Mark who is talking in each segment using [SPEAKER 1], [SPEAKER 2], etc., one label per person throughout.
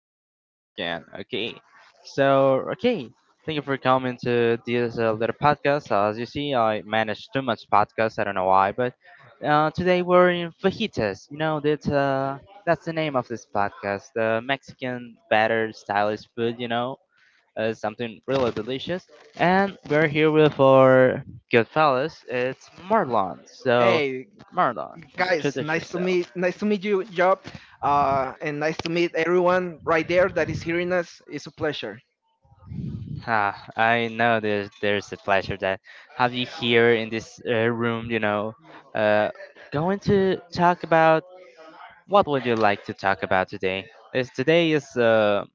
[SPEAKER 1] 505 again. Okay, so, okay, thank you for coming to this little podcast. As you see, I manage too much podcasts, I don't know why, but today we're in fajitas. You know, that, that's the name of this podcast, the Mexican batter stylish food, you know, something really delicious. And we're here with our good fellas, it's Marlon. So,
[SPEAKER 2] Hey
[SPEAKER 1] Marlon,
[SPEAKER 2] guys,
[SPEAKER 1] introduce
[SPEAKER 2] nice to meet
[SPEAKER 1] yourself.
[SPEAKER 2] you, Job. And nice to meet everyone right there that is hearing us. It's a pleasure.
[SPEAKER 1] Ah, I know there's a pleasure that have you here in this room. You know, uh, going to talk about what would you like to talk about today? Is today is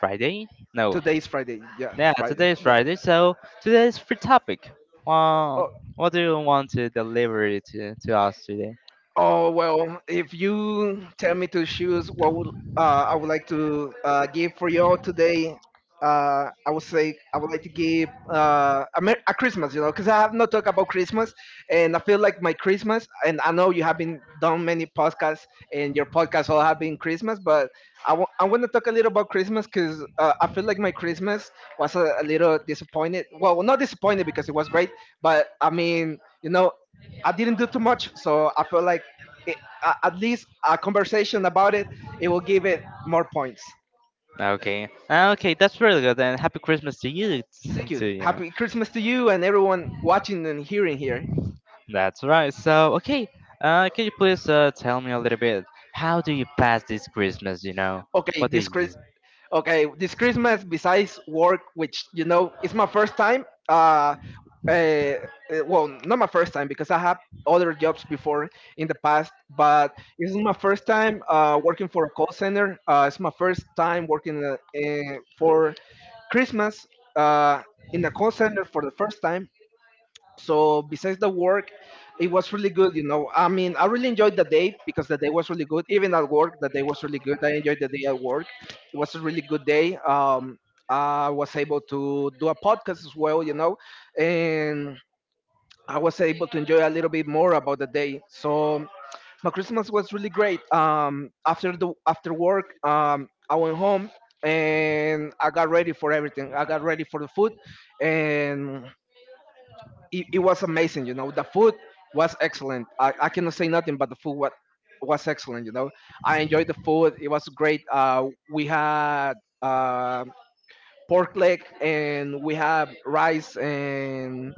[SPEAKER 1] Friday? No,
[SPEAKER 2] Today is Friday.
[SPEAKER 1] yeah,
[SPEAKER 2] Yeah, Friday.
[SPEAKER 1] today is
[SPEAKER 2] Yeah.
[SPEAKER 1] Friday. So today is free topic. Well,
[SPEAKER 2] Oh,
[SPEAKER 1] what do you want to deliver it to us today?
[SPEAKER 2] Oh well, if you tell me to choose what would I would like to give for y'all today, I would say I would like to give a Christmas, you know, because I have not talked about Christmas, and I feel like my Christmas, and I know you have been done many podcasts, and your podcasts all have been Christmas, but I want to talk a little about Christmas because I feel like my Christmas was a little disappointed. Well, not disappointed because it was great, but I mean, I didn't do too much, so I feel like it, at least a conversation about it will give it more points.
[SPEAKER 1] Okay, ah, okay, that's really good. And happy Christmas to you,
[SPEAKER 2] Thank you.
[SPEAKER 1] too, you know.
[SPEAKER 2] Happy Christmas to you and everyone watching and hearing here.
[SPEAKER 1] That's right. So, okay, can you please tell me a little bit, how do you pass this Christmas? You know,
[SPEAKER 2] Okay
[SPEAKER 1] what do
[SPEAKER 2] this
[SPEAKER 1] you do?
[SPEAKER 2] Chris okay this Christmas, besides work, which you know it's my first time uh well, not my first time because I have other jobs before in the past, but this is my first time working for a call center, it's my first time working for Christmas, uh, in a call center for the first time. So besides the work, it was really good, you know. I mean, I really enjoyed the day because the day was really good. Even at work the day was really good, I enjoyed the day at work. It was a really good day. I was able to do a podcast as well, you know, and I was able to enjoy a little bit more about the day. So my Christmas was really great. After the after work, I went home and I got ready for everything, I got ready for the food. And it was amazing, you know. The food was excellent. I cannot say nothing, but the food was excellent, you know. I enjoyed the food, it was great. Uh, we had uh, pork leg and we have rice and,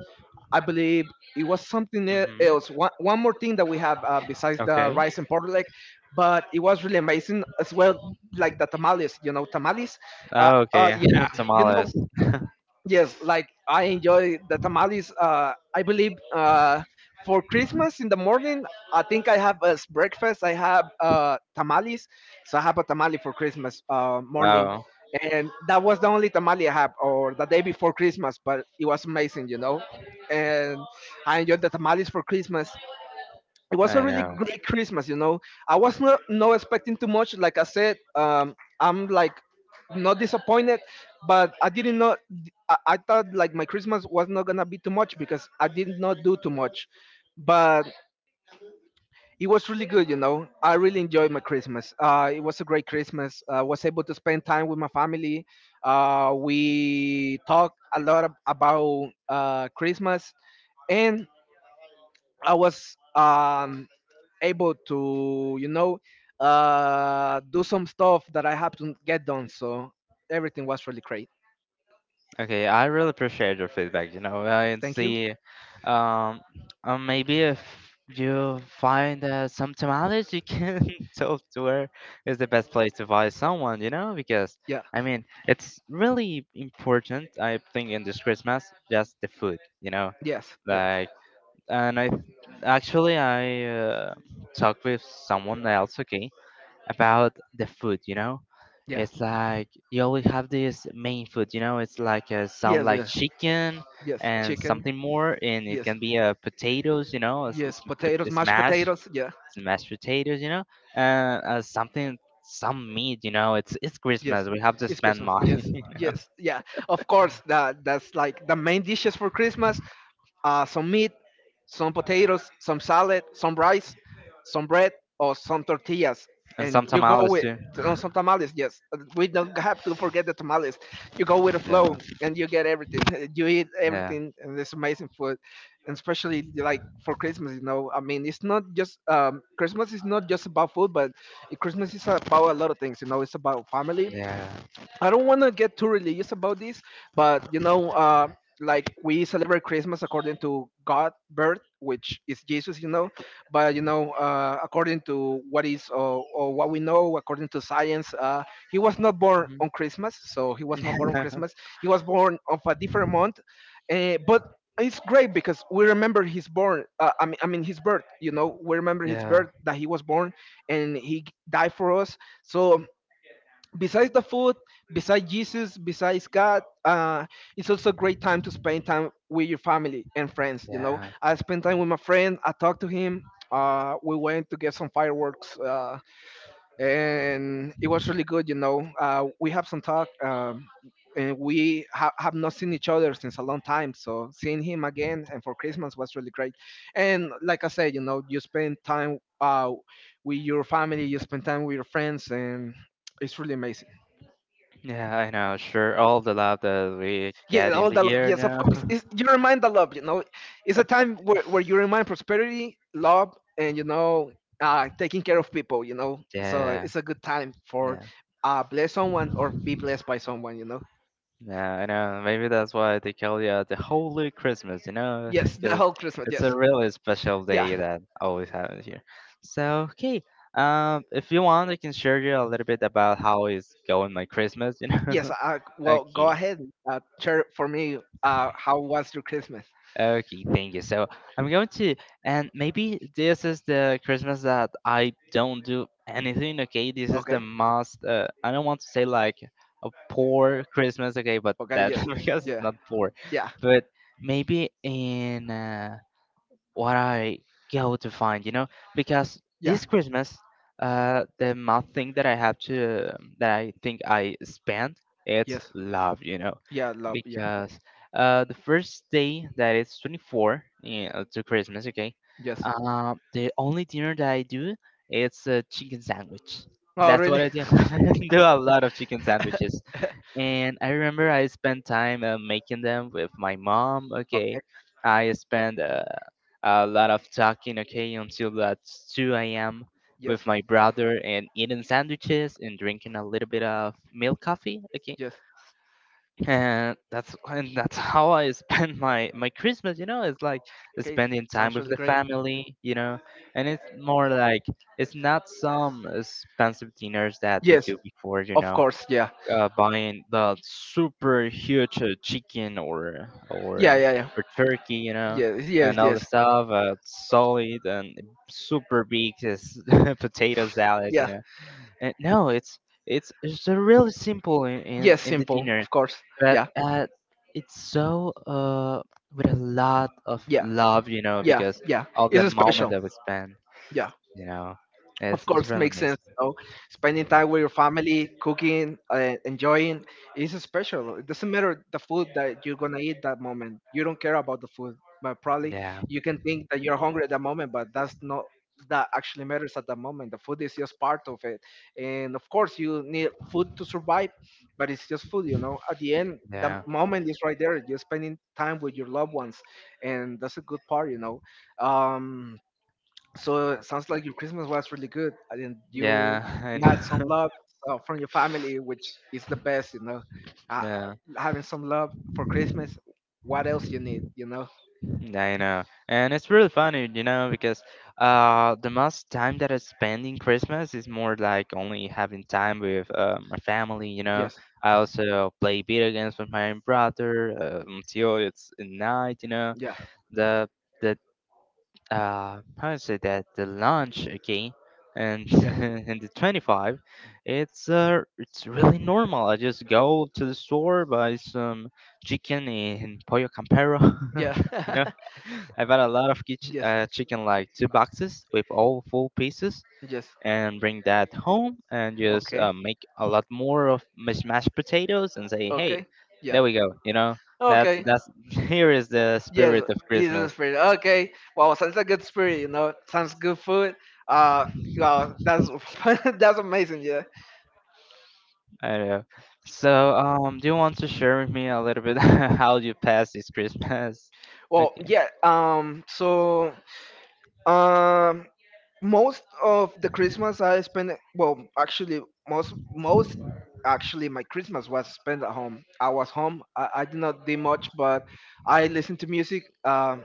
[SPEAKER 2] I believe, it was something
[SPEAKER 1] Hmm.
[SPEAKER 2] else. One one, more thing that we have besides the
[SPEAKER 1] Okay.
[SPEAKER 2] rice and pork leg, but it was really amazing as well, like the tamales, you know, tamales.
[SPEAKER 1] Oh, okay.
[SPEAKER 2] Yeah, you know,
[SPEAKER 1] Tamales.
[SPEAKER 2] yes, like I enjoy the tamales. I believe, for Christmas in the morning, I think I have as breakfast, I have tamales. So I have a tamale for Christmas morning,
[SPEAKER 1] Wow.
[SPEAKER 2] and that was the only tamale I have, or the day before Christmas, but it was amazing, you know. And I enjoyed the tamales for Christmas. It was a
[SPEAKER 1] I
[SPEAKER 2] really
[SPEAKER 1] know.
[SPEAKER 2] great Christmas, you know. I was not expecting too much. Like I said, I'm like not disappointed, but I didn't know. I thought like my Christmas was not gonna be too much because I did not do too much, but it was really good, you know. I really enjoyed my Christmas. It was a great Christmas. I was able to spend time with my family. We talked a lot about Christmas, and I was able to, do some stuff that I had to get done. So everything was really great.
[SPEAKER 1] Okay, I really appreciate your feedback, you know, and
[SPEAKER 2] Thank you.
[SPEAKER 1] see, um, maybe if you find some tamales, you can talk to her, is the best place to find someone, you know, because,
[SPEAKER 2] Yeah.
[SPEAKER 1] I mean, it's really important, I think, in this Christmas, just the food, you know,
[SPEAKER 2] Yes. Yeah.
[SPEAKER 1] like, and I, actually, I talked with someone else, okay, about the food, you know?
[SPEAKER 2] Yeah.
[SPEAKER 1] It's like you always have this main food, you know? It's like some
[SPEAKER 2] Yes.
[SPEAKER 1] like
[SPEAKER 2] Yes.
[SPEAKER 1] chicken
[SPEAKER 2] Yes.
[SPEAKER 1] and
[SPEAKER 2] Chicken.
[SPEAKER 1] something more, and it
[SPEAKER 2] Yes.
[SPEAKER 1] can be potatoes, you know?
[SPEAKER 2] Yes. Potatoes. Mashed potatoes. Yeah.
[SPEAKER 1] It's mashed potatoes, you know? Uh, something, some meat, you know? It's
[SPEAKER 2] Yes,
[SPEAKER 1] Christmas. We have to
[SPEAKER 2] it's
[SPEAKER 1] spend
[SPEAKER 2] Christmas.
[SPEAKER 1] money,
[SPEAKER 2] Yes,
[SPEAKER 1] you know?
[SPEAKER 2] yes, yeah. Of course, that's like the main dishes for Christmas. Some meat, some potatoes, some salad, some rice, some bread, or some tortillas.
[SPEAKER 1] And
[SPEAKER 2] And
[SPEAKER 1] some
[SPEAKER 2] you go
[SPEAKER 1] tamales
[SPEAKER 2] with
[SPEAKER 1] too.
[SPEAKER 2] on some tamales, yes, we don't have to forget the tamales. You go with the
[SPEAKER 1] Yeah,
[SPEAKER 2] flow and you get everything. You eat
[SPEAKER 1] yeah.
[SPEAKER 2] everything and it's amazing food. And especially like for Christmas, you know. I mean, it's not just Christmas is not just about food, but Christmas is about a lot of things, you know. It's about family.
[SPEAKER 1] Yeah.
[SPEAKER 2] I don't want to get too religious about this, but you know, like, we celebrate Christmas according to God birth, which is Jesus, you know, but you know, according to what is, or what we know, according to science, he was not born
[SPEAKER 1] Mhm.
[SPEAKER 2] on Christmas, so he was not born on Christmas. He was born of a different month, but it's great because we remember his born. I mean, his birth. You know, we remember his
[SPEAKER 1] Yeah.
[SPEAKER 2] birth that he was born and he died for us. So, besides the food, besides Jesus, besides God, it's also a great time to spend time with your family and friends. You know,
[SPEAKER 1] Yeah.
[SPEAKER 2] I spent time with my friend. I talked to him. We went to get some fireworks, and it was really good. You know, we have some talk. And we have not seen each other since a long time. So seeing him again and for Christmas was really great. And like I said, you know, you spend time with your family, you spend time with your friends, and it's really amazing.
[SPEAKER 1] Yeah, I know. Sure. All the love that we
[SPEAKER 2] Yeah,
[SPEAKER 1] get in
[SPEAKER 2] all
[SPEAKER 1] the
[SPEAKER 2] the love.
[SPEAKER 1] year
[SPEAKER 2] Yes, of
[SPEAKER 1] now.
[SPEAKER 2] course. You remind the love. You know, it's a time where you remind prosperity, love, and you know, taking care of people. You know, so
[SPEAKER 1] Yeah.
[SPEAKER 2] it's a good time for
[SPEAKER 1] Yeah.
[SPEAKER 2] bless someone or be blessed by someone. You know.
[SPEAKER 1] Yeah, I know. Maybe that's why they call it the Holy Christmas, you know,
[SPEAKER 2] Yes, the
[SPEAKER 1] because
[SPEAKER 2] whole Christmas.
[SPEAKER 1] it's a
[SPEAKER 2] Yes.
[SPEAKER 1] really special
[SPEAKER 2] Yeah.
[SPEAKER 1] day that always happens here. So, okay, if you want, I can share you a little bit about how is going my Christmas, you know.
[SPEAKER 2] Yes. Well, go
[SPEAKER 1] Okay.
[SPEAKER 2] ahead. Share for me. How was your Christmas?
[SPEAKER 1] Okay, thank you. So I'm going to, and maybe this is the Christmas that I don't do anything. Okay, this is the
[SPEAKER 2] Okay.
[SPEAKER 1] most. I don't want to say like a poor Christmas. Okay, but
[SPEAKER 2] Okay.
[SPEAKER 1] that,
[SPEAKER 2] Yes.
[SPEAKER 1] because it's
[SPEAKER 2] Yeah.
[SPEAKER 1] not poor,
[SPEAKER 2] Yeah.
[SPEAKER 1] but maybe in, what I go to find, you know, because
[SPEAKER 2] Yeah.
[SPEAKER 1] this Christmas, the main thing that I have to, that I think I spent, it's
[SPEAKER 2] Yes.
[SPEAKER 1] love, you know,
[SPEAKER 2] Yeah, love. Yeah.
[SPEAKER 1] because the first day that it's 24, yeah, to Christmas, okay,
[SPEAKER 2] Yes.
[SPEAKER 1] the only dinner that I do, it's a chicken sandwich.
[SPEAKER 2] Oh,
[SPEAKER 1] That's what
[SPEAKER 2] really?
[SPEAKER 1] I do. I do a lot of chicken sandwiches, and I remember I spent time making them with my mom. Okay,
[SPEAKER 2] Okay.
[SPEAKER 1] I spent a lot of talking. Okay, until that's 2 a.m.
[SPEAKER 2] Yes.
[SPEAKER 1] with my brother and eating sandwiches and drinking a little bit of milk coffee. Okay,
[SPEAKER 2] Yes.
[SPEAKER 1] and that's, and that's how I spend my Christmas. You know, it's like
[SPEAKER 2] Okay.
[SPEAKER 1] spending time
[SPEAKER 2] Sounds
[SPEAKER 1] with
[SPEAKER 2] really
[SPEAKER 1] the
[SPEAKER 2] great.
[SPEAKER 1] family. You know, and it's more like it's not some expensive dinners that we
[SPEAKER 2] Yes,
[SPEAKER 1] do before. You
[SPEAKER 2] of
[SPEAKER 1] know,
[SPEAKER 2] course, yeah.
[SPEAKER 1] buying the super huge chicken
[SPEAKER 2] Yeah, yeah, yeah.
[SPEAKER 1] or turkey, you know,
[SPEAKER 2] Yes, yes,
[SPEAKER 1] and all the
[SPEAKER 2] yes.
[SPEAKER 1] stuff, solid and super big is potato salad, you
[SPEAKER 2] Yeah.
[SPEAKER 1] know. And no, it's, it's really simple in in,
[SPEAKER 2] Yes,
[SPEAKER 1] in the
[SPEAKER 2] simple,
[SPEAKER 1] dinner,
[SPEAKER 2] of course.
[SPEAKER 1] but
[SPEAKER 2] Yeah,
[SPEAKER 1] it's so with a lot of
[SPEAKER 2] yeah,
[SPEAKER 1] love, you know,
[SPEAKER 2] yeah,
[SPEAKER 1] because
[SPEAKER 2] yeah.
[SPEAKER 1] of the
[SPEAKER 2] It's
[SPEAKER 1] moment
[SPEAKER 2] special.
[SPEAKER 1] that we spend,
[SPEAKER 2] Yeah,
[SPEAKER 1] you know.
[SPEAKER 2] of
[SPEAKER 1] It's
[SPEAKER 2] course,
[SPEAKER 1] really
[SPEAKER 2] makes sense.
[SPEAKER 1] amazing.
[SPEAKER 2] You know? Spending time with your family, cooking, enjoying is special. It doesn't matter the food that you're gonna eat that moment. You don't care about the food, but probably
[SPEAKER 1] Yeah.
[SPEAKER 2] you can think that you're hungry at that moment, but that's not that actually matters at that moment. The food is just part of it, and of course, you need food to survive, but it's just food, you know. At the end, the
[SPEAKER 1] Yeah.
[SPEAKER 2] moment is right there. You're spending time with your loved ones, and that's a good part, you know. Um, so it sounds like your Christmas was really good, and then
[SPEAKER 1] Yeah, I
[SPEAKER 2] you had some
[SPEAKER 1] know.
[SPEAKER 2] love from your family, which is the best, you know. Uh,
[SPEAKER 1] Yeah,
[SPEAKER 2] having some love for Christmas, what else you need, you know?
[SPEAKER 1] yeah, I know. And it's really funny, you know, because the most time that I spend in Christmas is more like only having time with my family, you know.
[SPEAKER 2] Yes,
[SPEAKER 1] I also play video games with my brother until it's at night, you know.
[SPEAKER 2] yeah,
[SPEAKER 1] The the how is it that the lunch, okay, and
[SPEAKER 2] yes,
[SPEAKER 1] and the 25, it's really normal. I just go to the store, buy some chicken in Pollo Campero,
[SPEAKER 2] yeah,
[SPEAKER 1] you know. I bought a lot of
[SPEAKER 2] yes,
[SPEAKER 1] chicken, like two boxes with all full pieces,
[SPEAKER 2] yes.
[SPEAKER 1] and bring that home and just
[SPEAKER 2] Okay,
[SPEAKER 1] make a lot more of mashed potatoes and say, hey,
[SPEAKER 2] okay, yeah,
[SPEAKER 1] there we go, you know. that's
[SPEAKER 2] okay.
[SPEAKER 1] that's here is the
[SPEAKER 2] Yes,
[SPEAKER 1] spirit of
[SPEAKER 2] he's a
[SPEAKER 1] Christmas.
[SPEAKER 2] spirit. Okay, well, sounds like a good spirit. You know, sounds good food. Uh, well, that's that's amazing. Yeah.
[SPEAKER 1] I know. So, do you want to share with me a little bit how you passed this Christmas?
[SPEAKER 2] Well,
[SPEAKER 1] Okay.
[SPEAKER 2] yeah. So, um, most of the Christmas I spent. Well, actually, most most actually my Christmas was spent at home. I was home. I did not do much, but I listened to music.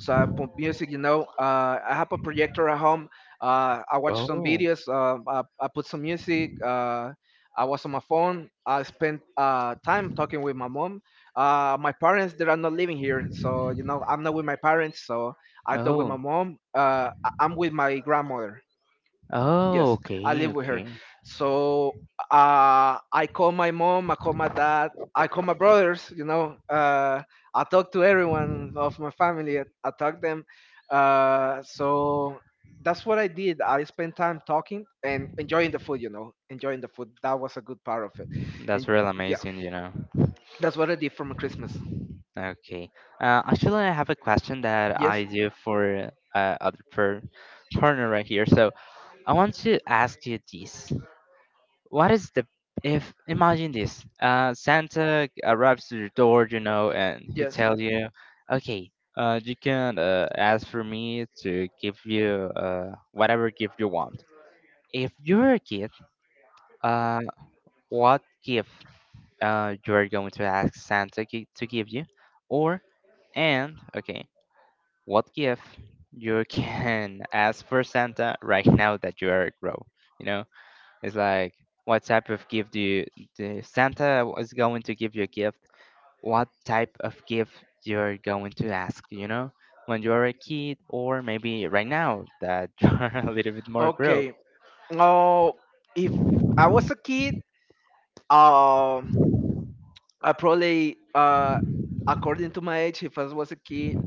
[SPEAKER 2] So I pump music, you know. I have a projector at home. I watch some
[SPEAKER 1] Oh.
[SPEAKER 2] videos. I put some music. I was on my phone. I spent time talking with my mom. My parents, they are not living here, so you know I'm not with my parents. So I talk with my
[SPEAKER 1] Oh.
[SPEAKER 2] mom. I'm with my grandmother.
[SPEAKER 1] Oh,
[SPEAKER 2] Yes, I
[SPEAKER 1] okay,
[SPEAKER 2] live with her.
[SPEAKER 1] okay.
[SPEAKER 2] So I call my mom, I call my dad, I call my brothers. You know, I talk to everyone of my family. I talk them. So that's what I did. I spent time talking and enjoying the food. You know, enjoying the food. That was a good part of it.
[SPEAKER 1] That's
[SPEAKER 2] And
[SPEAKER 1] real
[SPEAKER 2] yeah,
[SPEAKER 1] amazing, you know.
[SPEAKER 2] that's what I did for my Christmas.
[SPEAKER 1] Okay. Actually, I have a question that
[SPEAKER 2] Yes,
[SPEAKER 1] I do for other per partner right here. So, I want to ask you this. What is the, if imagine this Santa arrives to your door, you know, and he
[SPEAKER 2] yes.
[SPEAKER 1] tells you, okay, you can ask for me to give you whatever gift you want, if you're a kid, uh what gift you're going to ask Santa to give you. Or, and okay, what gift you can ask for Santa right now that you are grow, you know, it's like what type of gift do you, the Santa is going to give you a gift? What type of gift you're going to ask, you know? When you're a kid, or maybe right now that you're a little bit more grown.
[SPEAKER 2] Okay. Oh, if I was a kid, um, I probably, according to my age, if I was a kid,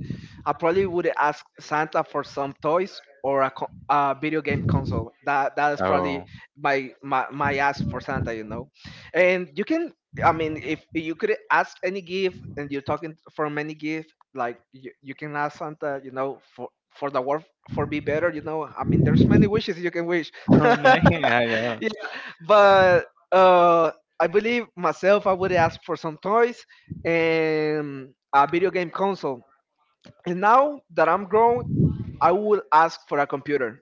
[SPEAKER 2] I probably would ask Santa for some toys or a video game console. That is probably
[SPEAKER 1] Oh,
[SPEAKER 2] my ask for Santa, you know. And you can, I mean, if you could ask any gift, and you're talking from any gift, like you can ask Santa, you know, for the world for be better, you know. I mean, there's many wishes you can wish.
[SPEAKER 1] oh no, I know.
[SPEAKER 2] Yeah, but uh, I believe myself, I would ask for some toys and a video game console. And now that I'm grown, I would ask for a computer.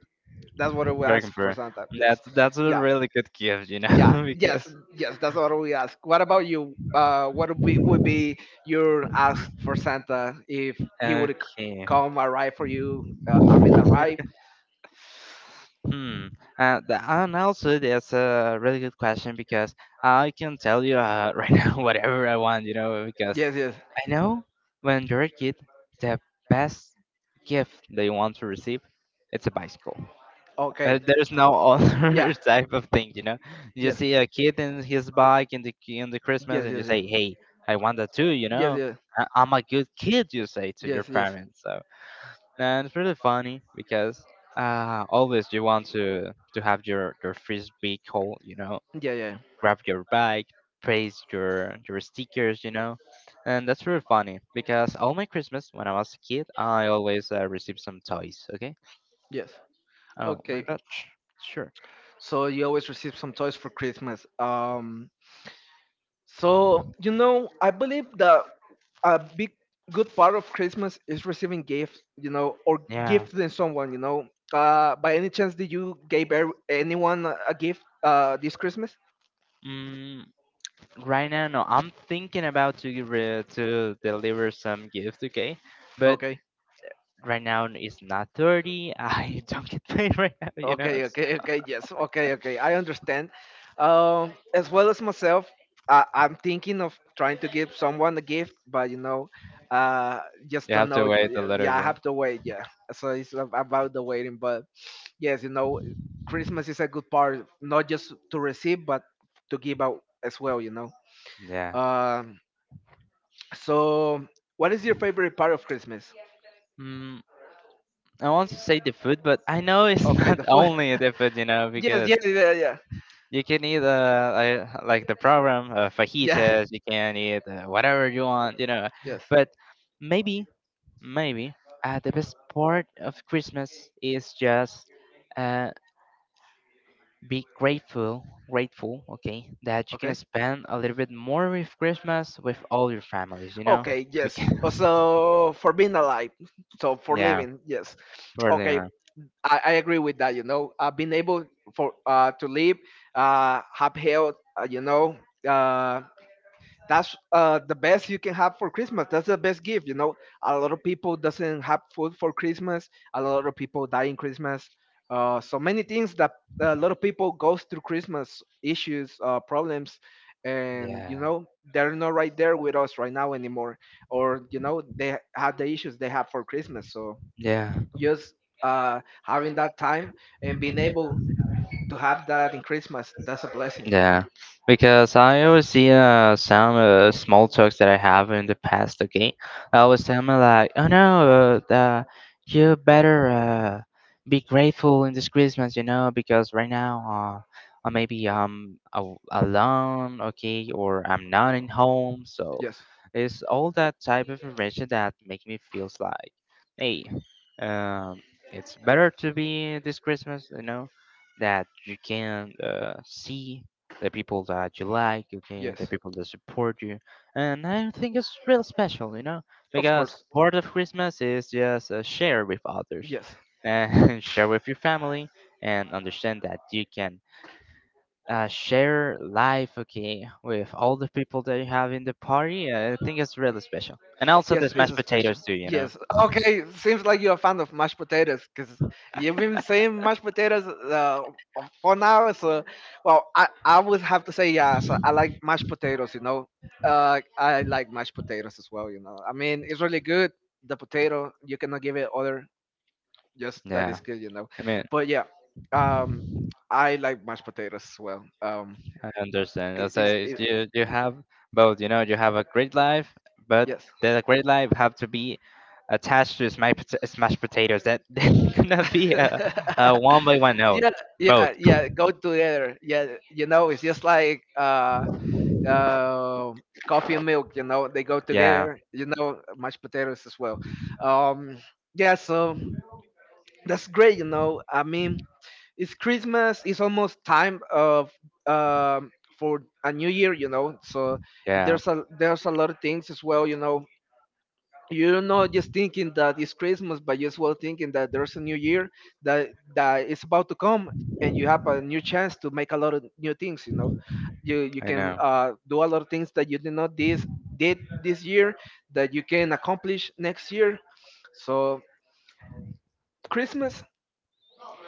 [SPEAKER 2] That's what I would
[SPEAKER 1] Very
[SPEAKER 2] ask for
[SPEAKER 1] confirmed.
[SPEAKER 2] Santa. Yes,
[SPEAKER 1] That's a
[SPEAKER 2] yeah,
[SPEAKER 1] really good gift, you
[SPEAKER 2] yeah,
[SPEAKER 1] know,
[SPEAKER 2] yes,
[SPEAKER 1] because
[SPEAKER 2] yes. That's what I would ask. What about you? Uh, what would be your ask for Santa if he would
[SPEAKER 1] okay.
[SPEAKER 2] come arrive for you? I mean, arrive.
[SPEAKER 1] Hmm. The, and also, that's a really good question, because I can tell you right now whatever I want, you know, because
[SPEAKER 2] Yes, yes.
[SPEAKER 1] I know when you're a kid, the best gift that you want to receive, it's a bicycle.
[SPEAKER 2] Okay.
[SPEAKER 1] There's no
[SPEAKER 2] Yeah.
[SPEAKER 1] other type of thing, you know. You
[SPEAKER 2] Yes.
[SPEAKER 1] see a kid in his bike in the Christmas,
[SPEAKER 2] Yes,
[SPEAKER 1] and
[SPEAKER 2] yes,
[SPEAKER 1] you
[SPEAKER 2] yeah.
[SPEAKER 1] say, "Hey, I want that too," you
[SPEAKER 2] Yes,
[SPEAKER 1] know.
[SPEAKER 2] yeah.
[SPEAKER 1] I'm a good kid, you say to your
[SPEAKER 2] Yes, yes.
[SPEAKER 1] parents. So, and it's really funny, because always you want to have your first vehicle, you know,
[SPEAKER 2] Yeah, yeah.
[SPEAKER 1] grab your bike, praise your stickers, you know, and that's really funny, because all my Christmas when I was a kid, I always received some toys. Okay.
[SPEAKER 2] Yes.
[SPEAKER 1] Oh, my
[SPEAKER 2] Okay.
[SPEAKER 1] batch. Sure.
[SPEAKER 2] So you always receive some toys for Christmas. So, you know, I believe that a big good part of Christmas is receiving gifts, you know, or
[SPEAKER 1] Yeah.
[SPEAKER 2] gifting someone, you know. By any chance, did you give anyone a gift this Christmas?
[SPEAKER 1] Mm, right now, no. I'm thinking about to give to deliver some gift. Okay, but right now, it's not 30. I don't get paid right now, you know.
[SPEAKER 2] Okay, okay, okay, yes, okay, okay, I understand. As well as myself, I'm thinking of trying to give someone a gift, but you know, uh, just
[SPEAKER 1] You
[SPEAKER 2] don't
[SPEAKER 1] have to
[SPEAKER 2] know.
[SPEAKER 1] wait a little
[SPEAKER 2] Yeah, I
[SPEAKER 1] bit.
[SPEAKER 2] have to wait. Yeah, so it's about the waiting. But yes, you know, Christmas is a good part, not just to receive, but to give out as well. You know.
[SPEAKER 1] Yeah.
[SPEAKER 2] Um, so, what is your favorite part of Christmas?
[SPEAKER 1] Mm, I want to say the food, but I know it's
[SPEAKER 2] Okay,
[SPEAKER 1] not
[SPEAKER 2] the food.
[SPEAKER 1] only the food, you know,
[SPEAKER 2] yes,
[SPEAKER 1] because
[SPEAKER 2] yes, yeah, yeah, yeah,
[SPEAKER 1] you can eat like the program
[SPEAKER 2] yeah,
[SPEAKER 1] fajitas. You can eat whatever you want, you know.
[SPEAKER 2] yes.
[SPEAKER 1] But maybe, maybe the best part of Christmas is just uh, be grateful, grateful, okay, that you can
[SPEAKER 2] Okay.
[SPEAKER 1] spend a little bit more with Christmas with all your families, you know,
[SPEAKER 2] Okay, yes.
[SPEAKER 1] because
[SPEAKER 2] So for being alive, so for
[SPEAKER 1] yeah,
[SPEAKER 2] living, yes. Okay,
[SPEAKER 1] really.
[SPEAKER 2] I agree with that. You know, being able for to live, have health, you know, uh, that's the best you can have for Christmas. That's the best gift, you know. A lot of people doesn't have food for Christmas. A lot of people die in Christmas, so many things that a lot of people goes through Christmas issues, problems, and you
[SPEAKER 1] Yeah.
[SPEAKER 2] know, they're not right there with us right now anymore, or you know, they had the issues they have for Christmas. So
[SPEAKER 1] Yeah.
[SPEAKER 2] just having that time and being able to have that in Christmas, that's a blessing.
[SPEAKER 1] Yeah, because I always see some small talks that I have in the past. Okay, I always tell me like, "Oh no, you better be grateful in this Christmas, you know, because right now, maybe I'm alone, okay, or I'm not in home." So
[SPEAKER 2] Yes.
[SPEAKER 1] it's all that type of information that make me feels like, hey, um, it's better to be this Christmas, you know, that you can see the people that you like, you can the
[SPEAKER 2] Yes.
[SPEAKER 1] people that support you, and I think it's real special, you know,
[SPEAKER 2] Of
[SPEAKER 1] because
[SPEAKER 2] course.
[SPEAKER 1] part of Christmas is just share with others,
[SPEAKER 2] Yes.
[SPEAKER 1] and share with your family, and understand that you can share life, okay, with all the people that you have in the party. I think it's really special, and also
[SPEAKER 2] Yes,
[SPEAKER 1] the
[SPEAKER 2] it's
[SPEAKER 1] mashed
[SPEAKER 2] a special.
[SPEAKER 1] potatoes too, you know.
[SPEAKER 2] Yes. Okay, seems like you're a fan of mashed potatoes because you've been saying mashed potatoes for now. So, well, I would have to say, yeah, so I like mashed potatoes, you know. I like mashed potatoes as well. You know, I mean, it's really good. The potato, you cannot give it other. Just that
[SPEAKER 1] Yeah,
[SPEAKER 2] is good. You know,
[SPEAKER 1] I mean,
[SPEAKER 2] but yeah, um, I like mashed potatoes as well.
[SPEAKER 1] I understand.
[SPEAKER 2] It
[SPEAKER 1] As
[SPEAKER 2] is
[SPEAKER 1] I,
[SPEAKER 2] it,
[SPEAKER 1] you have both. You know, you have a great life, but
[SPEAKER 2] yes.
[SPEAKER 1] that great life have to be attached to smashed potatoes. That gonna be a one by one. No,
[SPEAKER 2] yeah,
[SPEAKER 1] both.
[SPEAKER 2] yeah, yeah. Go together. Yeah, you know, it's just like uh, coffee and milk. You know, they go
[SPEAKER 1] Yeah,
[SPEAKER 2] together. You know, mashed potatoes as well. Um, yeah. So that's great. You know, I mean it's Christmas. It's almost time of um, for a new year, you know. So
[SPEAKER 1] yeah.
[SPEAKER 2] there's a lot of things as well, you know. You're not just thinking that it's Christmas, but you're as well thinking that there's a new year that that is about to come, and you have a new chance to make a lot of new things. You know, you
[SPEAKER 1] I
[SPEAKER 2] can
[SPEAKER 1] know.
[SPEAKER 2] do a lot of things that you did not this did this year, that you can accomplish next year. So Christmas,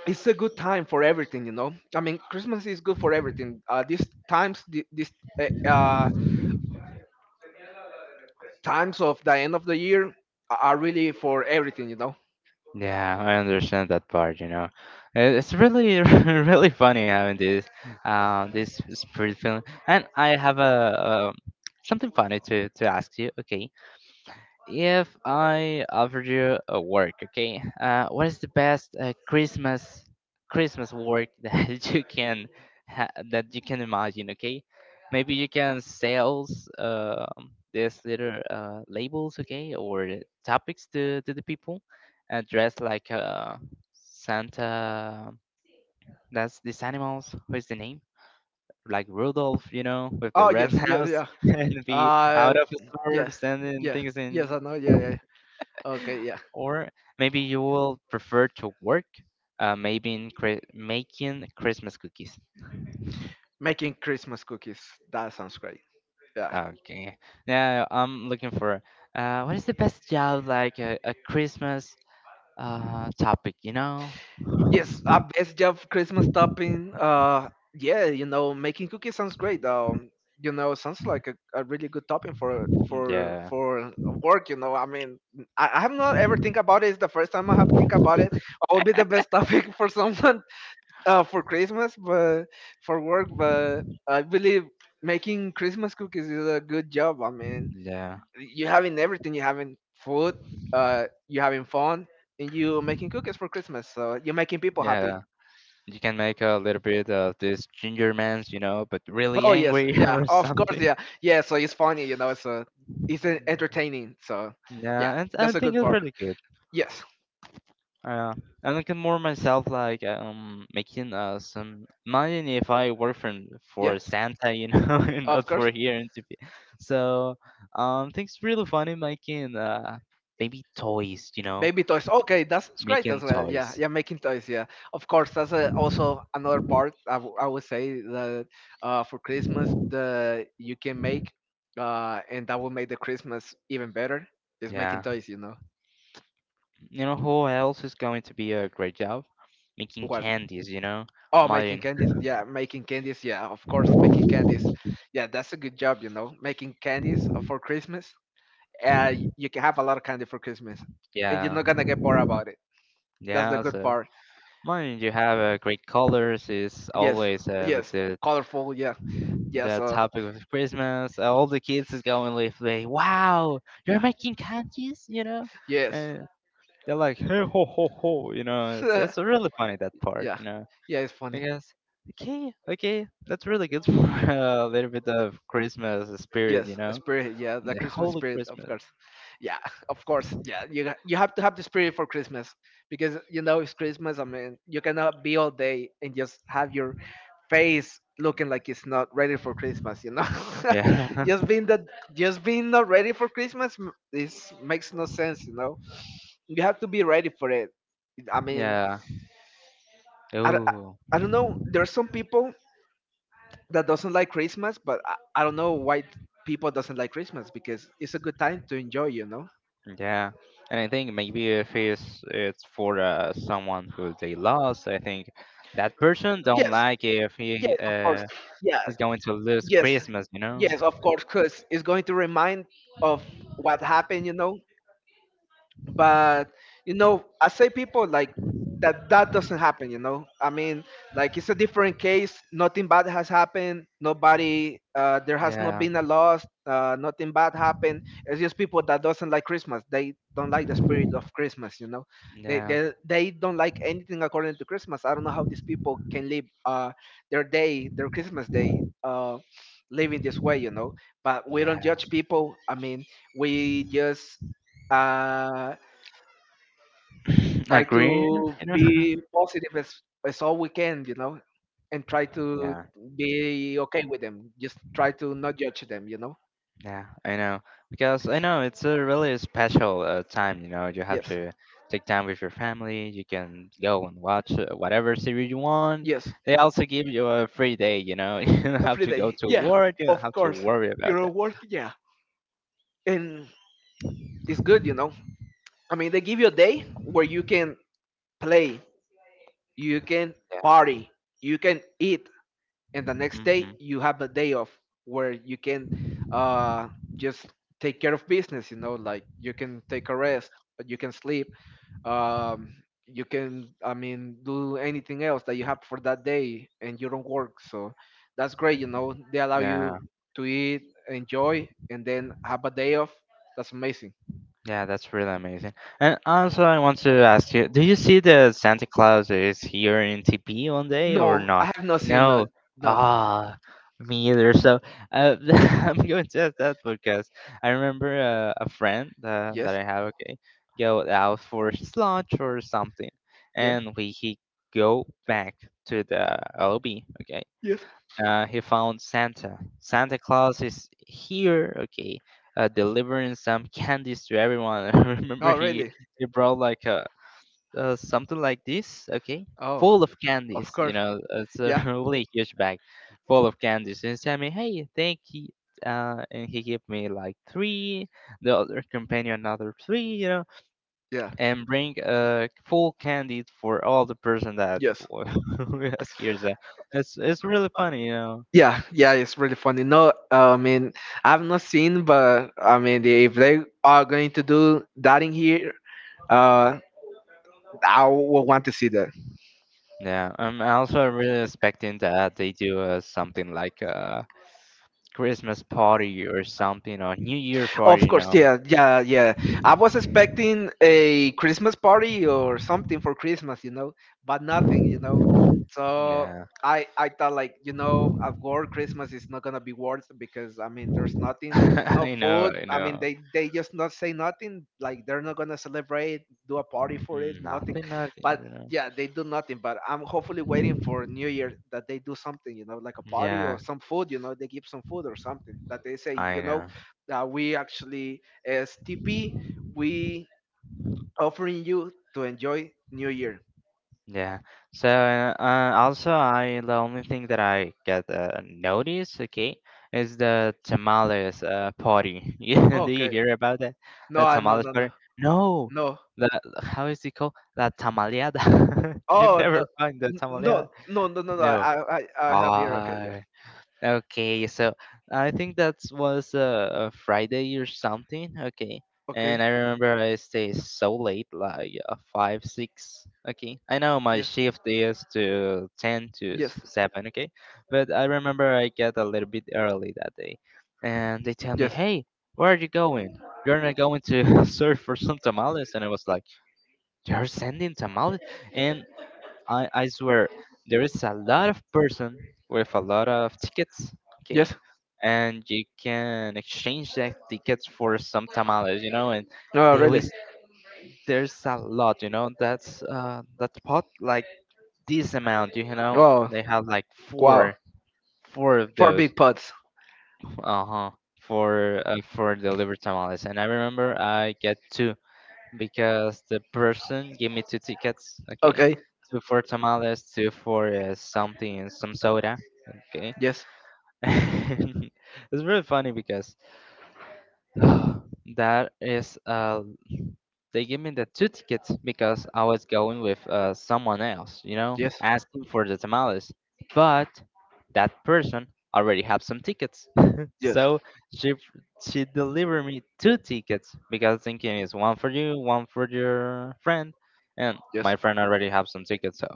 [SPEAKER 2] it's a good time for everything, you know. I mean Christmas is good for everything, these times these uh, uh, times of the end of the year are really for everything, you know.
[SPEAKER 1] Yeah, I understand that part, you know. It's really really funny having this this spirit feeling. And I have a, something funny to ask you. Okay. If I offered you a work, okay, what is the best Christmas work that you can that you can imagine? Okay, maybe you can sales these little labels, okay, or topics to the people, dressed like Santa. That's these animals. What is the name? Like Rudolph, you know, with the
[SPEAKER 2] Oh
[SPEAKER 1] red
[SPEAKER 2] yes, yeah,
[SPEAKER 1] nose
[SPEAKER 2] yeah,
[SPEAKER 1] and be
[SPEAKER 2] uh
[SPEAKER 1] out of his
[SPEAKER 2] yeah,
[SPEAKER 1] swords and then
[SPEAKER 2] yeah,
[SPEAKER 1] things in.
[SPEAKER 2] yes, I know, yeah, yeah, okay, yeah.
[SPEAKER 1] Or maybe you will prefer to work, maybe in making Christmas cookies.
[SPEAKER 2] Making Christmas cookies, that sounds great. Yeah.
[SPEAKER 1] Okay. Now I'm looking for what is the best job like a Christmas topic, you know?
[SPEAKER 2] Yes, a best job Christmas topping. Yeah, you know, making cookies sounds great. You know, sounds like a really good topping for for
[SPEAKER 1] Yeah,
[SPEAKER 2] for work. You know, I mean, I have not ever think about it. It's the first time I have think about it. I would be the best topic for someone for Christmas, but for work. But I believe making Christmas cookies is a good job. I mean,
[SPEAKER 1] yeah,
[SPEAKER 2] you having everything. You having food. You having fun, and you making cookies for Christmas. So you're making people happy.
[SPEAKER 1] yeah. You can make a little bit of this ginger man's, you know, but really
[SPEAKER 2] Oh yes,
[SPEAKER 1] angry
[SPEAKER 2] yeah,
[SPEAKER 1] or
[SPEAKER 2] of course,
[SPEAKER 1] something.
[SPEAKER 2] yeah, yeah. So it's funny, you know. It's entertaining. So, yeah,
[SPEAKER 1] Yeah, and I
[SPEAKER 2] that's a
[SPEAKER 1] think
[SPEAKER 2] good
[SPEAKER 1] it's
[SPEAKER 2] part.
[SPEAKER 1] really good.
[SPEAKER 2] Yes,
[SPEAKER 1] Yeah. And I can more myself like making some money if I work for
[SPEAKER 2] yeah,
[SPEAKER 1] for Santa, you know, and
[SPEAKER 2] of
[SPEAKER 1] not for
[SPEAKER 2] course.
[SPEAKER 1] here and to be. So things really funny making maybe toys, you know,
[SPEAKER 2] Baby toys. Okay, that's great as
[SPEAKER 1] making
[SPEAKER 2] well. Yeah,
[SPEAKER 1] toys.
[SPEAKER 2] yeah, making toys. Yeah, of course. That's also another part. I would say that for Christmas, the you can make, and that will make the Christmas even better. Is making
[SPEAKER 1] Yeah,
[SPEAKER 2] toys, you know.
[SPEAKER 1] you know who else is going to be a great job making
[SPEAKER 2] What?
[SPEAKER 1] candies, you know,
[SPEAKER 2] Oh, making
[SPEAKER 1] mine.
[SPEAKER 2] candies. Yeah, making candies. Yeah, of course, making candies. Yeah, that's a good job, you know, making candies for Christmas. You can have a lot of candy for Christmas, and you're
[SPEAKER 1] Yeah.
[SPEAKER 2] not gonna get bored about it. That's the
[SPEAKER 1] Yeah,
[SPEAKER 2] good
[SPEAKER 1] so
[SPEAKER 2] part.
[SPEAKER 1] mine you have great colors is
[SPEAKER 2] Yes,
[SPEAKER 1] always with
[SPEAKER 2] yes,
[SPEAKER 1] the
[SPEAKER 2] colorful. Yeah, yes.
[SPEAKER 1] the topic of Christmas. All the kids is going with like, "Wow, you're
[SPEAKER 2] Yeah,
[SPEAKER 1] making cookies," you know,
[SPEAKER 2] yes.
[SPEAKER 1] and they're like, "Hey ho ho ho," you know. It's really funny that part,
[SPEAKER 2] yeah,
[SPEAKER 1] you know,
[SPEAKER 2] yeah, it's funny.
[SPEAKER 1] because okay, okay, that's really good for a little bit of Christmas spirit, you
[SPEAKER 2] Yes,
[SPEAKER 1] know,
[SPEAKER 2] spirit. Yeah, the
[SPEAKER 1] the
[SPEAKER 2] Christmas
[SPEAKER 1] holy
[SPEAKER 2] spirit, of
[SPEAKER 1] Christmas.
[SPEAKER 2] course. Yeah, of course. Yeah, you have to have the spirit for Christmas because you know it's Christmas. I mean, you cannot be all day and just have your face looking like it's not ready for Christmas. You know,
[SPEAKER 1] Yeah,
[SPEAKER 2] just being that, just being not ready for Christmas is makes no sense. You know, you have to be ready for it. I mean,
[SPEAKER 1] yeah.
[SPEAKER 2] I, don't- I,
[SPEAKER 1] Oh.
[SPEAKER 2] I don't know. There are some people that doesn't like Christmas, but I don't know why people doesn't like Christmas because it's a good time to enjoy, you know.
[SPEAKER 1] Yeah, and I think maybe if it's for someone who they lost, I think that person don't
[SPEAKER 2] Yes,
[SPEAKER 1] like if
[SPEAKER 2] yes,
[SPEAKER 1] he
[SPEAKER 2] of course, yeah,
[SPEAKER 1] is going to lose
[SPEAKER 2] yes,
[SPEAKER 1] Christmas, you know?
[SPEAKER 2] yes, of course, because it's going to remind of what happened, you know, but you know, I say people like that doesn't happen, you know. I mean, like it's a different case. Nothing bad has happened, nobody there has not
[SPEAKER 1] Yeah,
[SPEAKER 2] been a loss, nothing bad happened. It's just people that doesn't like Christmas, they don't like the spirit of Christmas, you know.
[SPEAKER 1] yeah,
[SPEAKER 2] They don't like anything according to Christmas. I don't know how these people can live their day, their Christmas day, living this way, you know. But we don't
[SPEAKER 1] yeah.
[SPEAKER 2] judge people, I mean, we just uh, try
[SPEAKER 1] Agree,
[SPEAKER 2] to
[SPEAKER 1] you know?
[SPEAKER 2] be positive as all we can, you know, and try to
[SPEAKER 1] Yeah,
[SPEAKER 2] be okay with them. Just try to not judge them, you know.
[SPEAKER 1] yeah, I know because I know it's a really special time. You know, you have
[SPEAKER 2] Yes,
[SPEAKER 1] to take time with your family. You can go and watch whatever series you want.
[SPEAKER 2] yes,
[SPEAKER 1] They also give you a free day, you know. You don't have
[SPEAKER 2] every
[SPEAKER 1] to go
[SPEAKER 2] day.
[SPEAKER 1] to
[SPEAKER 2] Yeah,
[SPEAKER 1] work, you don't
[SPEAKER 2] of
[SPEAKER 1] have to
[SPEAKER 2] course.
[SPEAKER 1] worry about
[SPEAKER 2] Your own
[SPEAKER 1] that.
[SPEAKER 2] work, yeah, and it's good, you know. I mean, they give you a day where you can play, you can party, you can eat, and the next
[SPEAKER 1] Yeah.
[SPEAKER 2] day you have a day off where you can uh, just take care of business, you know, like you can take a rest, you can sleep, um you can, I mean, do anything else that you have for that day and you don't work. So that's great, you know. They allow you
[SPEAKER 1] Hmm.
[SPEAKER 2] to eat, enjoy, and then have a day off. That's amazing.
[SPEAKER 1] Yeah, that's really amazing. And also, I want to ask you, do you see the Santa Claus is here in TP one day
[SPEAKER 2] No,
[SPEAKER 1] or
[SPEAKER 2] I
[SPEAKER 1] not?
[SPEAKER 2] have not seen that.
[SPEAKER 1] No.
[SPEAKER 2] No.
[SPEAKER 1] Ah, me either. So uh, I'm going to ask that because I remember a friend that
[SPEAKER 2] Yes,
[SPEAKER 1] I have, okay, go out for his lunch or something,
[SPEAKER 2] yeah,
[SPEAKER 1] and we he go back to the lobby, okay,
[SPEAKER 2] yes.
[SPEAKER 1] he found Santa. Santa Claus is here, okay, delivering some candies to everyone. I remember
[SPEAKER 2] Oh
[SPEAKER 1] he
[SPEAKER 2] really.
[SPEAKER 1] he brought like a something like this, okay,
[SPEAKER 2] Oh,
[SPEAKER 1] full of
[SPEAKER 2] of
[SPEAKER 1] candies. You
[SPEAKER 2] course,
[SPEAKER 1] know, it's a
[SPEAKER 2] yeah,
[SPEAKER 1] really huge bag full of candies. And he tell me, hey, thank you. And he gave me like three, the other companion another three, you know,
[SPEAKER 2] yeah,
[SPEAKER 1] and bring full candy for all the person that
[SPEAKER 2] yes.
[SPEAKER 1] was here. So it's really funny, you know.
[SPEAKER 2] Yeah, yeah, it's really funny. No, I mean, I've not seen, but I mean, if they are going to do that in here, uh, I will want to see that.
[SPEAKER 1] Yeah, I'm also really expecting that they do something like a Christmas party or something, or New Year party,
[SPEAKER 2] Of
[SPEAKER 1] you
[SPEAKER 2] course,
[SPEAKER 1] know.
[SPEAKER 2] yeah, yeah, yeah. I was expecting a Christmas party or something for Christmas, you know, but nothing, you know. So
[SPEAKER 1] Yeah.
[SPEAKER 2] I thought like, you know, at work Christmas is not gonna be worth because I mean there's nothing, no
[SPEAKER 1] I know,
[SPEAKER 2] food.
[SPEAKER 1] I
[SPEAKER 2] I mean
[SPEAKER 1] know.
[SPEAKER 2] they just not say nothing. Like they're not gonna celebrate, do a party for it, nothing.
[SPEAKER 1] Nothing, nothing,
[SPEAKER 2] But
[SPEAKER 1] you know.
[SPEAKER 2] yeah, they do nothing. But I'm hopefully waiting for New Year that they do something, you know, like a party or
[SPEAKER 1] Yeah,
[SPEAKER 2] some food. You know, they give some food or something that they say, you
[SPEAKER 1] I
[SPEAKER 2] know,
[SPEAKER 1] know.
[SPEAKER 2] that we actually as TP we offering you to enjoy New Year.
[SPEAKER 1] Yeah. So also, I the only thing that I get notice, okay, is the tamales party. Yeah, do you
[SPEAKER 2] Okay.
[SPEAKER 1] hear about that? The
[SPEAKER 2] No,
[SPEAKER 1] tamales
[SPEAKER 2] no, no,
[SPEAKER 1] party? No.
[SPEAKER 2] no.
[SPEAKER 1] The How is it called? La tamaleada. You
[SPEAKER 2] Oh no,
[SPEAKER 1] never find the tamaleada.
[SPEAKER 2] no, no, no, no, no.
[SPEAKER 1] No.
[SPEAKER 2] I have here. Okay, yeah.
[SPEAKER 1] Ah. Okay, so I think that was a Friday or something. Okay,
[SPEAKER 2] Okay.
[SPEAKER 1] and I remember I stayed so late, like five, six. Okay, I know my
[SPEAKER 2] Yes.
[SPEAKER 1] shift is to ten to
[SPEAKER 2] Yes.
[SPEAKER 1] seven. Okay, but I remember I get a little bit early that day, and they tell me,
[SPEAKER 2] Yes.
[SPEAKER 1] "Hey, where are you going? You're not going to serve for some tamales?" And I was like, "They're sending tamales," and I swear, there is a lot of person with a lot of tickets, okay?
[SPEAKER 2] Yes.
[SPEAKER 1] And you can exchange that tickets for some tamales, you know, and
[SPEAKER 2] Oh,
[SPEAKER 1] there
[SPEAKER 2] really?
[SPEAKER 1] is there's a lot, you know, that's that pot like this amount, you know,
[SPEAKER 2] Oh,
[SPEAKER 1] they have like
[SPEAKER 2] wow.
[SPEAKER 1] four of
[SPEAKER 2] Four
[SPEAKER 1] those,
[SPEAKER 2] big pots.
[SPEAKER 1] uh-huh, for delivered tamales. And I remember I get two because the person gave me two tickets, okay,
[SPEAKER 2] Okay.
[SPEAKER 1] two for tamales, two for something, some soda, okay.
[SPEAKER 2] Yes.
[SPEAKER 1] It's really funny because that is a. They gave me the two tickets because I was going with someone else, you know,
[SPEAKER 2] Yes. Yes.
[SPEAKER 1] asking for the tamales. But that person already had some tickets,
[SPEAKER 2] Yes.
[SPEAKER 1] so she she delivered me two tickets because thinking is one for you, one for your friend, and my
[SPEAKER 2] Yes.
[SPEAKER 1] friend already have some tickets, so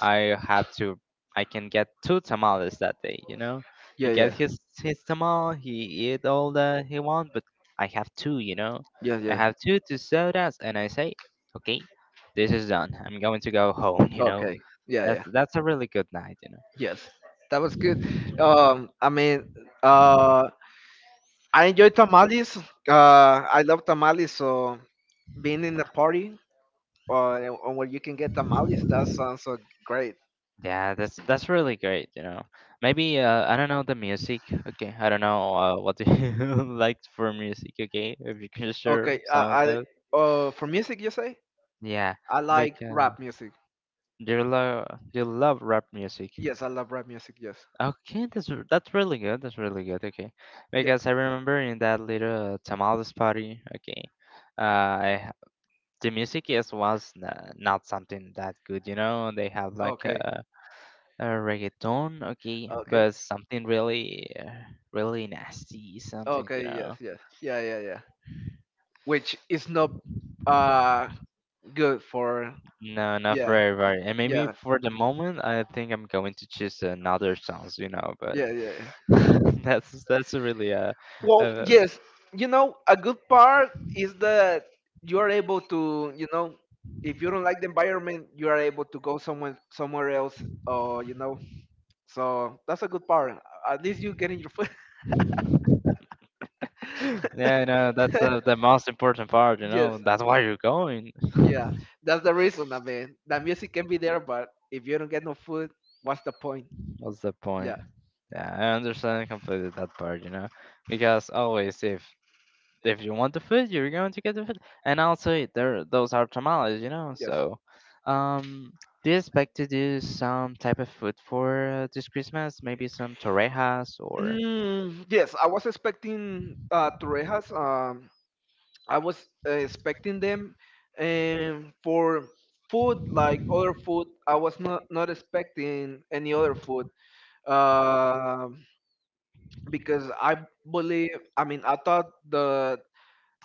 [SPEAKER 1] I had to I can get two tamales that day, you know. He
[SPEAKER 2] Yeah.
[SPEAKER 1] get
[SPEAKER 2] Yeah.
[SPEAKER 1] his tamal, he eat all that he want, but I have two, you know,
[SPEAKER 2] Yes.
[SPEAKER 1] I
[SPEAKER 2] Yeah.
[SPEAKER 1] have two sodas, and I say, okay, this is done. I'm going to go home. You know,
[SPEAKER 2] Okay. Yeah.
[SPEAKER 1] that's
[SPEAKER 2] Yeah.
[SPEAKER 1] that's a really good night. You know.
[SPEAKER 2] Yes. That was good. I mean. Uh. I enjoy tamales. I love tamales. So being in a party and where you can get tamales, that sounds so great.
[SPEAKER 1] Yeah, that's really great. You know, maybe I don't know the music. Okay, I don't know what do you like for music. Okay, if you can share
[SPEAKER 2] Okay,
[SPEAKER 1] some of
[SPEAKER 2] I
[SPEAKER 1] those.
[SPEAKER 2] for music, you say?
[SPEAKER 1] Yeah,
[SPEAKER 2] I like
[SPEAKER 1] because
[SPEAKER 2] rap music.
[SPEAKER 1] do you love do you love rap music?
[SPEAKER 2] Yes, I love rap music. Yes.
[SPEAKER 1] Okay, that's really good. That's really good. Okay,
[SPEAKER 2] Yeah.
[SPEAKER 1] because I remember in that little tamales party. Okay, I the music is was n- not something that good, you know. They have like
[SPEAKER 2] Okay.
[SPEAKER 1] a reggaeton, okay,
[SPEAKER 2] Okay.
[SPEAKER 1] but something really, really nasty, something, you
[SPEAKER 2] Okay.
[SPEAKER 1] know.
[SPEAKER 2] Yes. Yes. Yeah. Yeah. Yeah. Which is not uh good for.
[SPEAKER 1] No, not
[SPEAKER 2] Yeah.
[SPEAKER 1] for everybody. And maybe
[SPEAKER 2] Yeah.
[SPEAKER 1] for the moment, I think I'm going to choose another songs, you know. But
[SPEAKER 2] Yeah. Yeah. yeah.
[SPEAKER 1] that's really
[SPEAKER 2] Well,
[SPEAKER 1] uh
[SPEAKER 2] yes, you know, a good part is that you are able to, you know, if you don't like the environment, you are able to go somewhere else, or you know, so that's a good part. At least you getting your food.
[SPEAKER 1] yeah, no, that's the most important part, you
[SPEAKER 2] yes,
[SPEAKER 1] know. That's why you're going.
[SPEAKER 2] yeah, that's the reason. I mean, the music can be there, but if you don't get no food, what's the point?
[SPEAKER 1] What's the point?
[SPEAKER 2] Yeah,
[SPEAKER 1] Yeah, I understand completely that part, you know, because always if you want the food, you're going to get the food. And also, there those are tamales, you know.
[SPEAKER 2] yes.
[SPEAKER 1] So, um, do you expect to do some type of food for this Christmas? Maybe some torrejas or
[SPEAKER 2] Mm, yes, I was expecting torrejas. I was expecting them for food like other food. I was not expecting any other food uh, because I believe. I mean, I thought the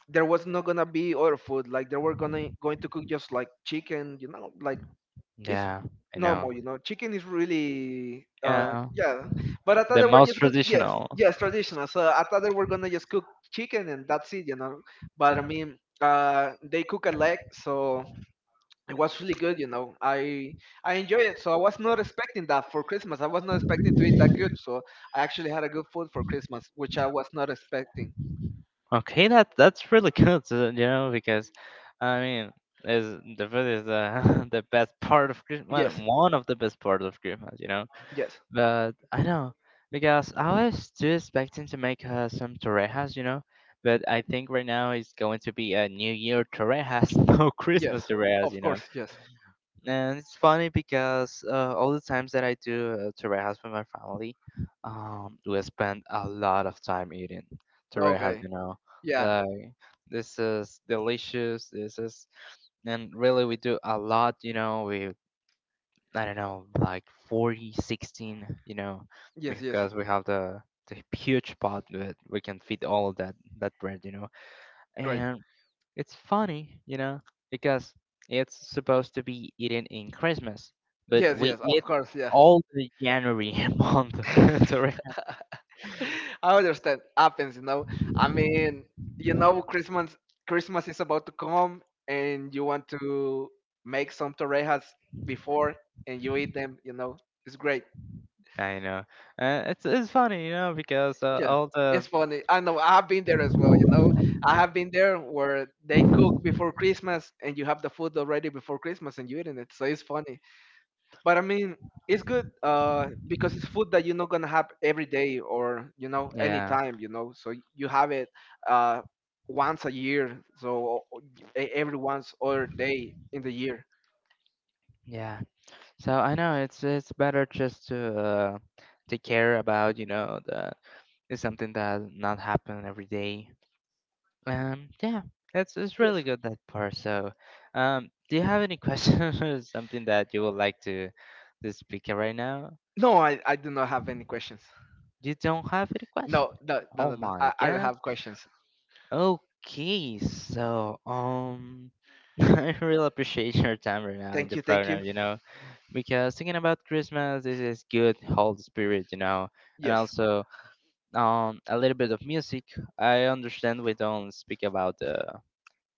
[SPEAKER 2] there was not gonna be other food. Like they were gonna going to cook just like chicken, you know, like it's
[SPEAKER 1] yeah, I know.
[SPEAKER 2] normal, you know. Chicken is really,
[SPEAKER 1] Yeah,
[SPEAKER 2] yeah. But I thought
[SPEAKER 1] the
[SPEAKER 2] they were
[SPEAKER 1] most
[SPEAKER 2] just gonna, yes,
[SPEAKER 1] traditional.
[SPEAKER 2] yes, traditional. So I thought they were gonna just cook chicken and that's it, you know. But I mean, they cook a leg, so it was really good, you know. I enjoy it. So I was not expecting that for Christmas. I was not expecting to eat that good. So I actually had a good food for Christmas, which I was not expecting.
[SPEAKER 1] Okay, that's really good, you know, because I mean, is the food is the best part of Christmas,
[SPEAKER 2] Yes,
[SPEAKER 1] one of the best part of Christmas, you know.
[SPEAKER 2] yes.
[SPEAKER 1] But I know because I was still expecting to make some torrejas, you know. But I think right now it's going to be a New Year torrejas, no Christmas
[SPEAKER 2] Yes,
[SPEAKER 1] torrejas,
[SPEAKER 2] of
[SPEAKER 1] you know.
[SPEAKER 2] course, yes.
[SPEAKER 1] And it's funny because all the times that I do torrejas with my family, we spend a lot of time eating torrejas,
[SPEAKER 2] Okay.
[SPEAKER 1] you know.
[SPEAKER 2] Yeah.
[SPEAKER 1] Like this is delicious. This is and really we do a lot, you know. We I don't know, like 40, 16, you know,
[SPEAKER 2] Yes, yes.
[SPEAKER 1] because we have the huge pot that we can fit all of that bread, you know.
[SPEAKER 2] Great.
[SPEAKER 1] And it's funny, you know, because it's supposed to be eaten in Christmas, but
[SPEAKER 2] Yes,
[SPEAKER 1] we
[SPEAKER 2] yes, of
[SPEAKER 1] eat
[SPEAKER 2] course, yeah.
[SPEAKER 1] all the January month. during-
[SPEAKER 2] I understand. Happens, you know. I mean, you know, Christmas is about to come, and you want to make some torrejas before, and you eat them. You know, it's great.
[SPEAKER 1] I know. It's funny, you know, because
[SPEAKER 2] Yes,
[SPEAKER 1] all
[SPEAKER 2] it's
[SPEAKER 1] the
[SPEAKER 2] funny. I know. I've been there as well. You know, I have been there where they cook before Christmas, and you have the food already before Christmas, and you eating it. So it's funny. But I mean, it's good because it's food that you're not gonna have every day or you know
[SPEAKER 1] yeah,
[SPEAKER 2] anytime. You know, so you have it uh, once a year. So e- every once other day in the year.
[SPEAKER 1] yeah. So I know it's better just to take care about you know that it's something that not happen every day. Yeah, it's really
[SPEAKER 2] Yes.
[SPEAKER 1] good that part. So, do you have any questions or something that you would like to speak right now?
[SPEAKER 2] No, I do not have any questions.
[SPEAKER 1] You don't have any questions?
[SPEAKER 2] No, no, no,
[SPEAKER 1] Oh
[SPEAKER 2] no, no.
[SPEAKER 1] my
[SPEAKER 2] I don't
[SPEAKER 1] god.
[SPEAKER 2] have questions.
[SPEAKER 1] Okay, so I really appreciate your time right now in
[SPEAKER 2] Thank
[SPEAKER 1] the
[SPEAKER 2] you, thank you.
[SPEAKER 1] program. You know, because thinking about Christmas is good whole spirit, you know, and
[SPEAKER 2] Yes,
[SPEAKER 1] also a little bit of music. I understand we don't speak about the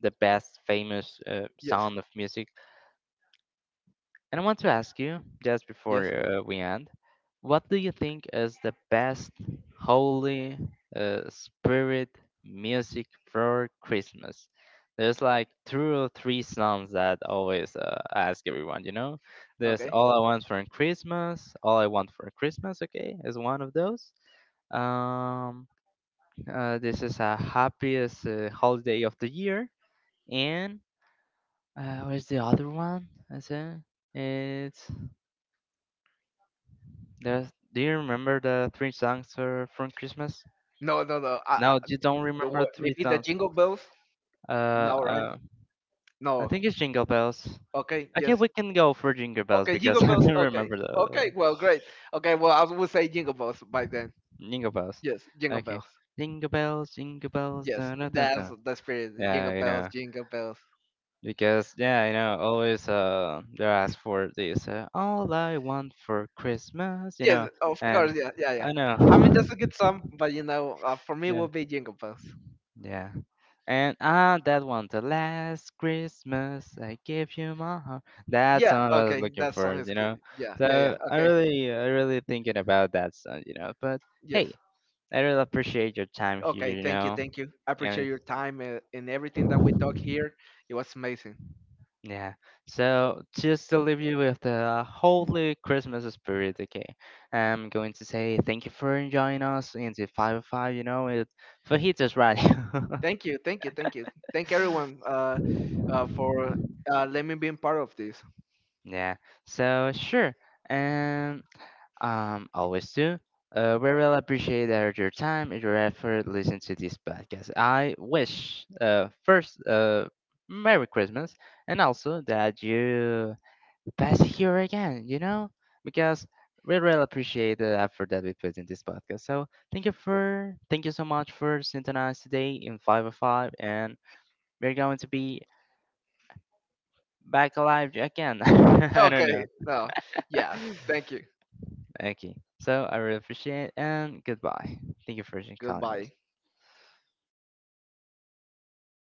[SPEAKER 1] the best famous
[SPEAKER 2] yes,
[SPEAKER 1] sound of music, and I want to ask you, just before
[SPEAKER 2] yes.
[SPEAKER 1] we end, what do you think is the best Holy Spirit music for Christmas? There's like two or three songs that always ask everyone, you know? There's
[SPEAKER 2] Okay.
[SPEAKER 1] All I Want for Christmas, All I Want for Christmas, okay, is one of those. Um, this is a happiest holiday of the year. And where's the other one? I said it's. There's, do you remember the three songs from Christmas?
[SPEAKER 2] No, no, no.
[SPEAKER 1] No, you don't
[SPEAKER 2] The
[SPEAKER 1] remember the three
[SPEAKER 2] maybe the
[SPEAKER 1] songs.
[SPEAKER 2] jingle bells.
[SPEAKER 1] Uh,
[SPEAKER 2] No, right?
[SPEAKER 1] uh, I
[SPEAKER 2] No.
[SPEAKER 1] think it's Jingle Bells.
[SPEAKER 2] Okay.
[SPEAKER 1] Okay,
[SPEAKER 2] Yes.
[SPEAKER 1] we can go for Jingle Bells
[SPEAKER 2] Okay, jingle
[SPEAKER 1] because I
[SPEAKER 2] bells.
[SPEAKER 1] don't
[SPEAKER 2] Okay.
[SPEAKER 1] remember the other
[SPEAKER 2] Okay.
[SPEAKER 1] one.
[SPEAKER 2] Well, great. Okay. Well, I would say jingle bells by then.
[SPEAKER 1] Jingle Bells.
[SPEAKER 2] Yes, jingle
[SPEAKER 1] Okay.
[SPEAKER 2] bells.
[SPEAKER 1] Jingle Bells, Jingle Bells,
[SPEAKER 2] Yes,
[SPEAKER 1] dun dun dun
[SPEAKER 2] that's
[SPEAKER 1] dun.
[SPEAKER 2] the spirit. Jingle
[SPEAKER 1] Yeah, you
[SPEAKER 2] bells,
[SPEAKER 1] know.
[SPEAKER 2] jingle bells.
[SPEAKER 1] Because, yeah, you know, always they're asked for this. All I want for Christmas, you
[SPEAKER 2] Yes,
[SPEAKER 1] know.
[SPEAKER 2] of
[SPEAKER 1] And
[SPEAKER 2] course. Yeah, yeah, yeah.
[SPEAKER 1] I know.
[SPEAKER 2] I mean, that's a good song, but you know, for me, it
[SPEAKER 1] Yeah.
[SPEAKER 2] would be jingle bells.
[SPEAKER 1] Yeah. And that one, the last Christmas I gave you my heart. That Yeah,
[SPEAKER 2] Yeah,
[SPEAKER 1] song I was
[SPEAKER 2] okay.
[SPEAKER 1] like looking
[SPEAKER 2] That
[SPEAKER 1] for,
[SPEAKER 2] song is
[SPEAKER 1] you
[SPEAKER 2] good.
[SPEAKER 1] know.
[SPEAKER 2] Yeah,
[SPEAKER 1] Yeah.
[SPEAKER 2] yeah, yeah.
[SPEAKER 1] So I
[SPEAKER 2] Okay.
[SPEAKER 1] really, I really thinking about that song, you know. But hey,
[SPEAKER 2] Yes.
[SPEAKER 1] I really appreciate your time here,
[SPEAKER 2] Okay.
[SPEAKER 1] you
[SPEAKER 2] Thank you.
[SPEAKER 1] know.
[SPEAKER 2] Thank you. I appreciate
[SPEAKER 1] And
[SPEAKER 2] your time and everything that we talk here. It was amazing.
[SPEAKER 1] yeah. So just to leave you with the holy Christmas spirit, okay? I'm going to say thank you for enjoying us in the 505, you know, it fajitas right.
[SPEAKER 2] Thank you. Thank you. Thank you. Thank everyone for let me being part of this.
[SPEAKER 1] Yeah. So sure, and always do. We really appreciate your time and your effort listening to this podcast. I wish first Merry Christmas and also that you pass here again. You know because we really appreciate the effort that we put in this podcast. So thank you so much for synthesizing today in five of five, and we're going to be back alive again. I don't
[SPEAKER 2] Okay.
[SPEAKER 1] know.
[SPEAKER 2] No. Yeah. Thank you.
[SPEAKER 1] Okay. So I really appreciate it and goodbye. Thank you for calling us.
[SPEAKER 2] Goodbye.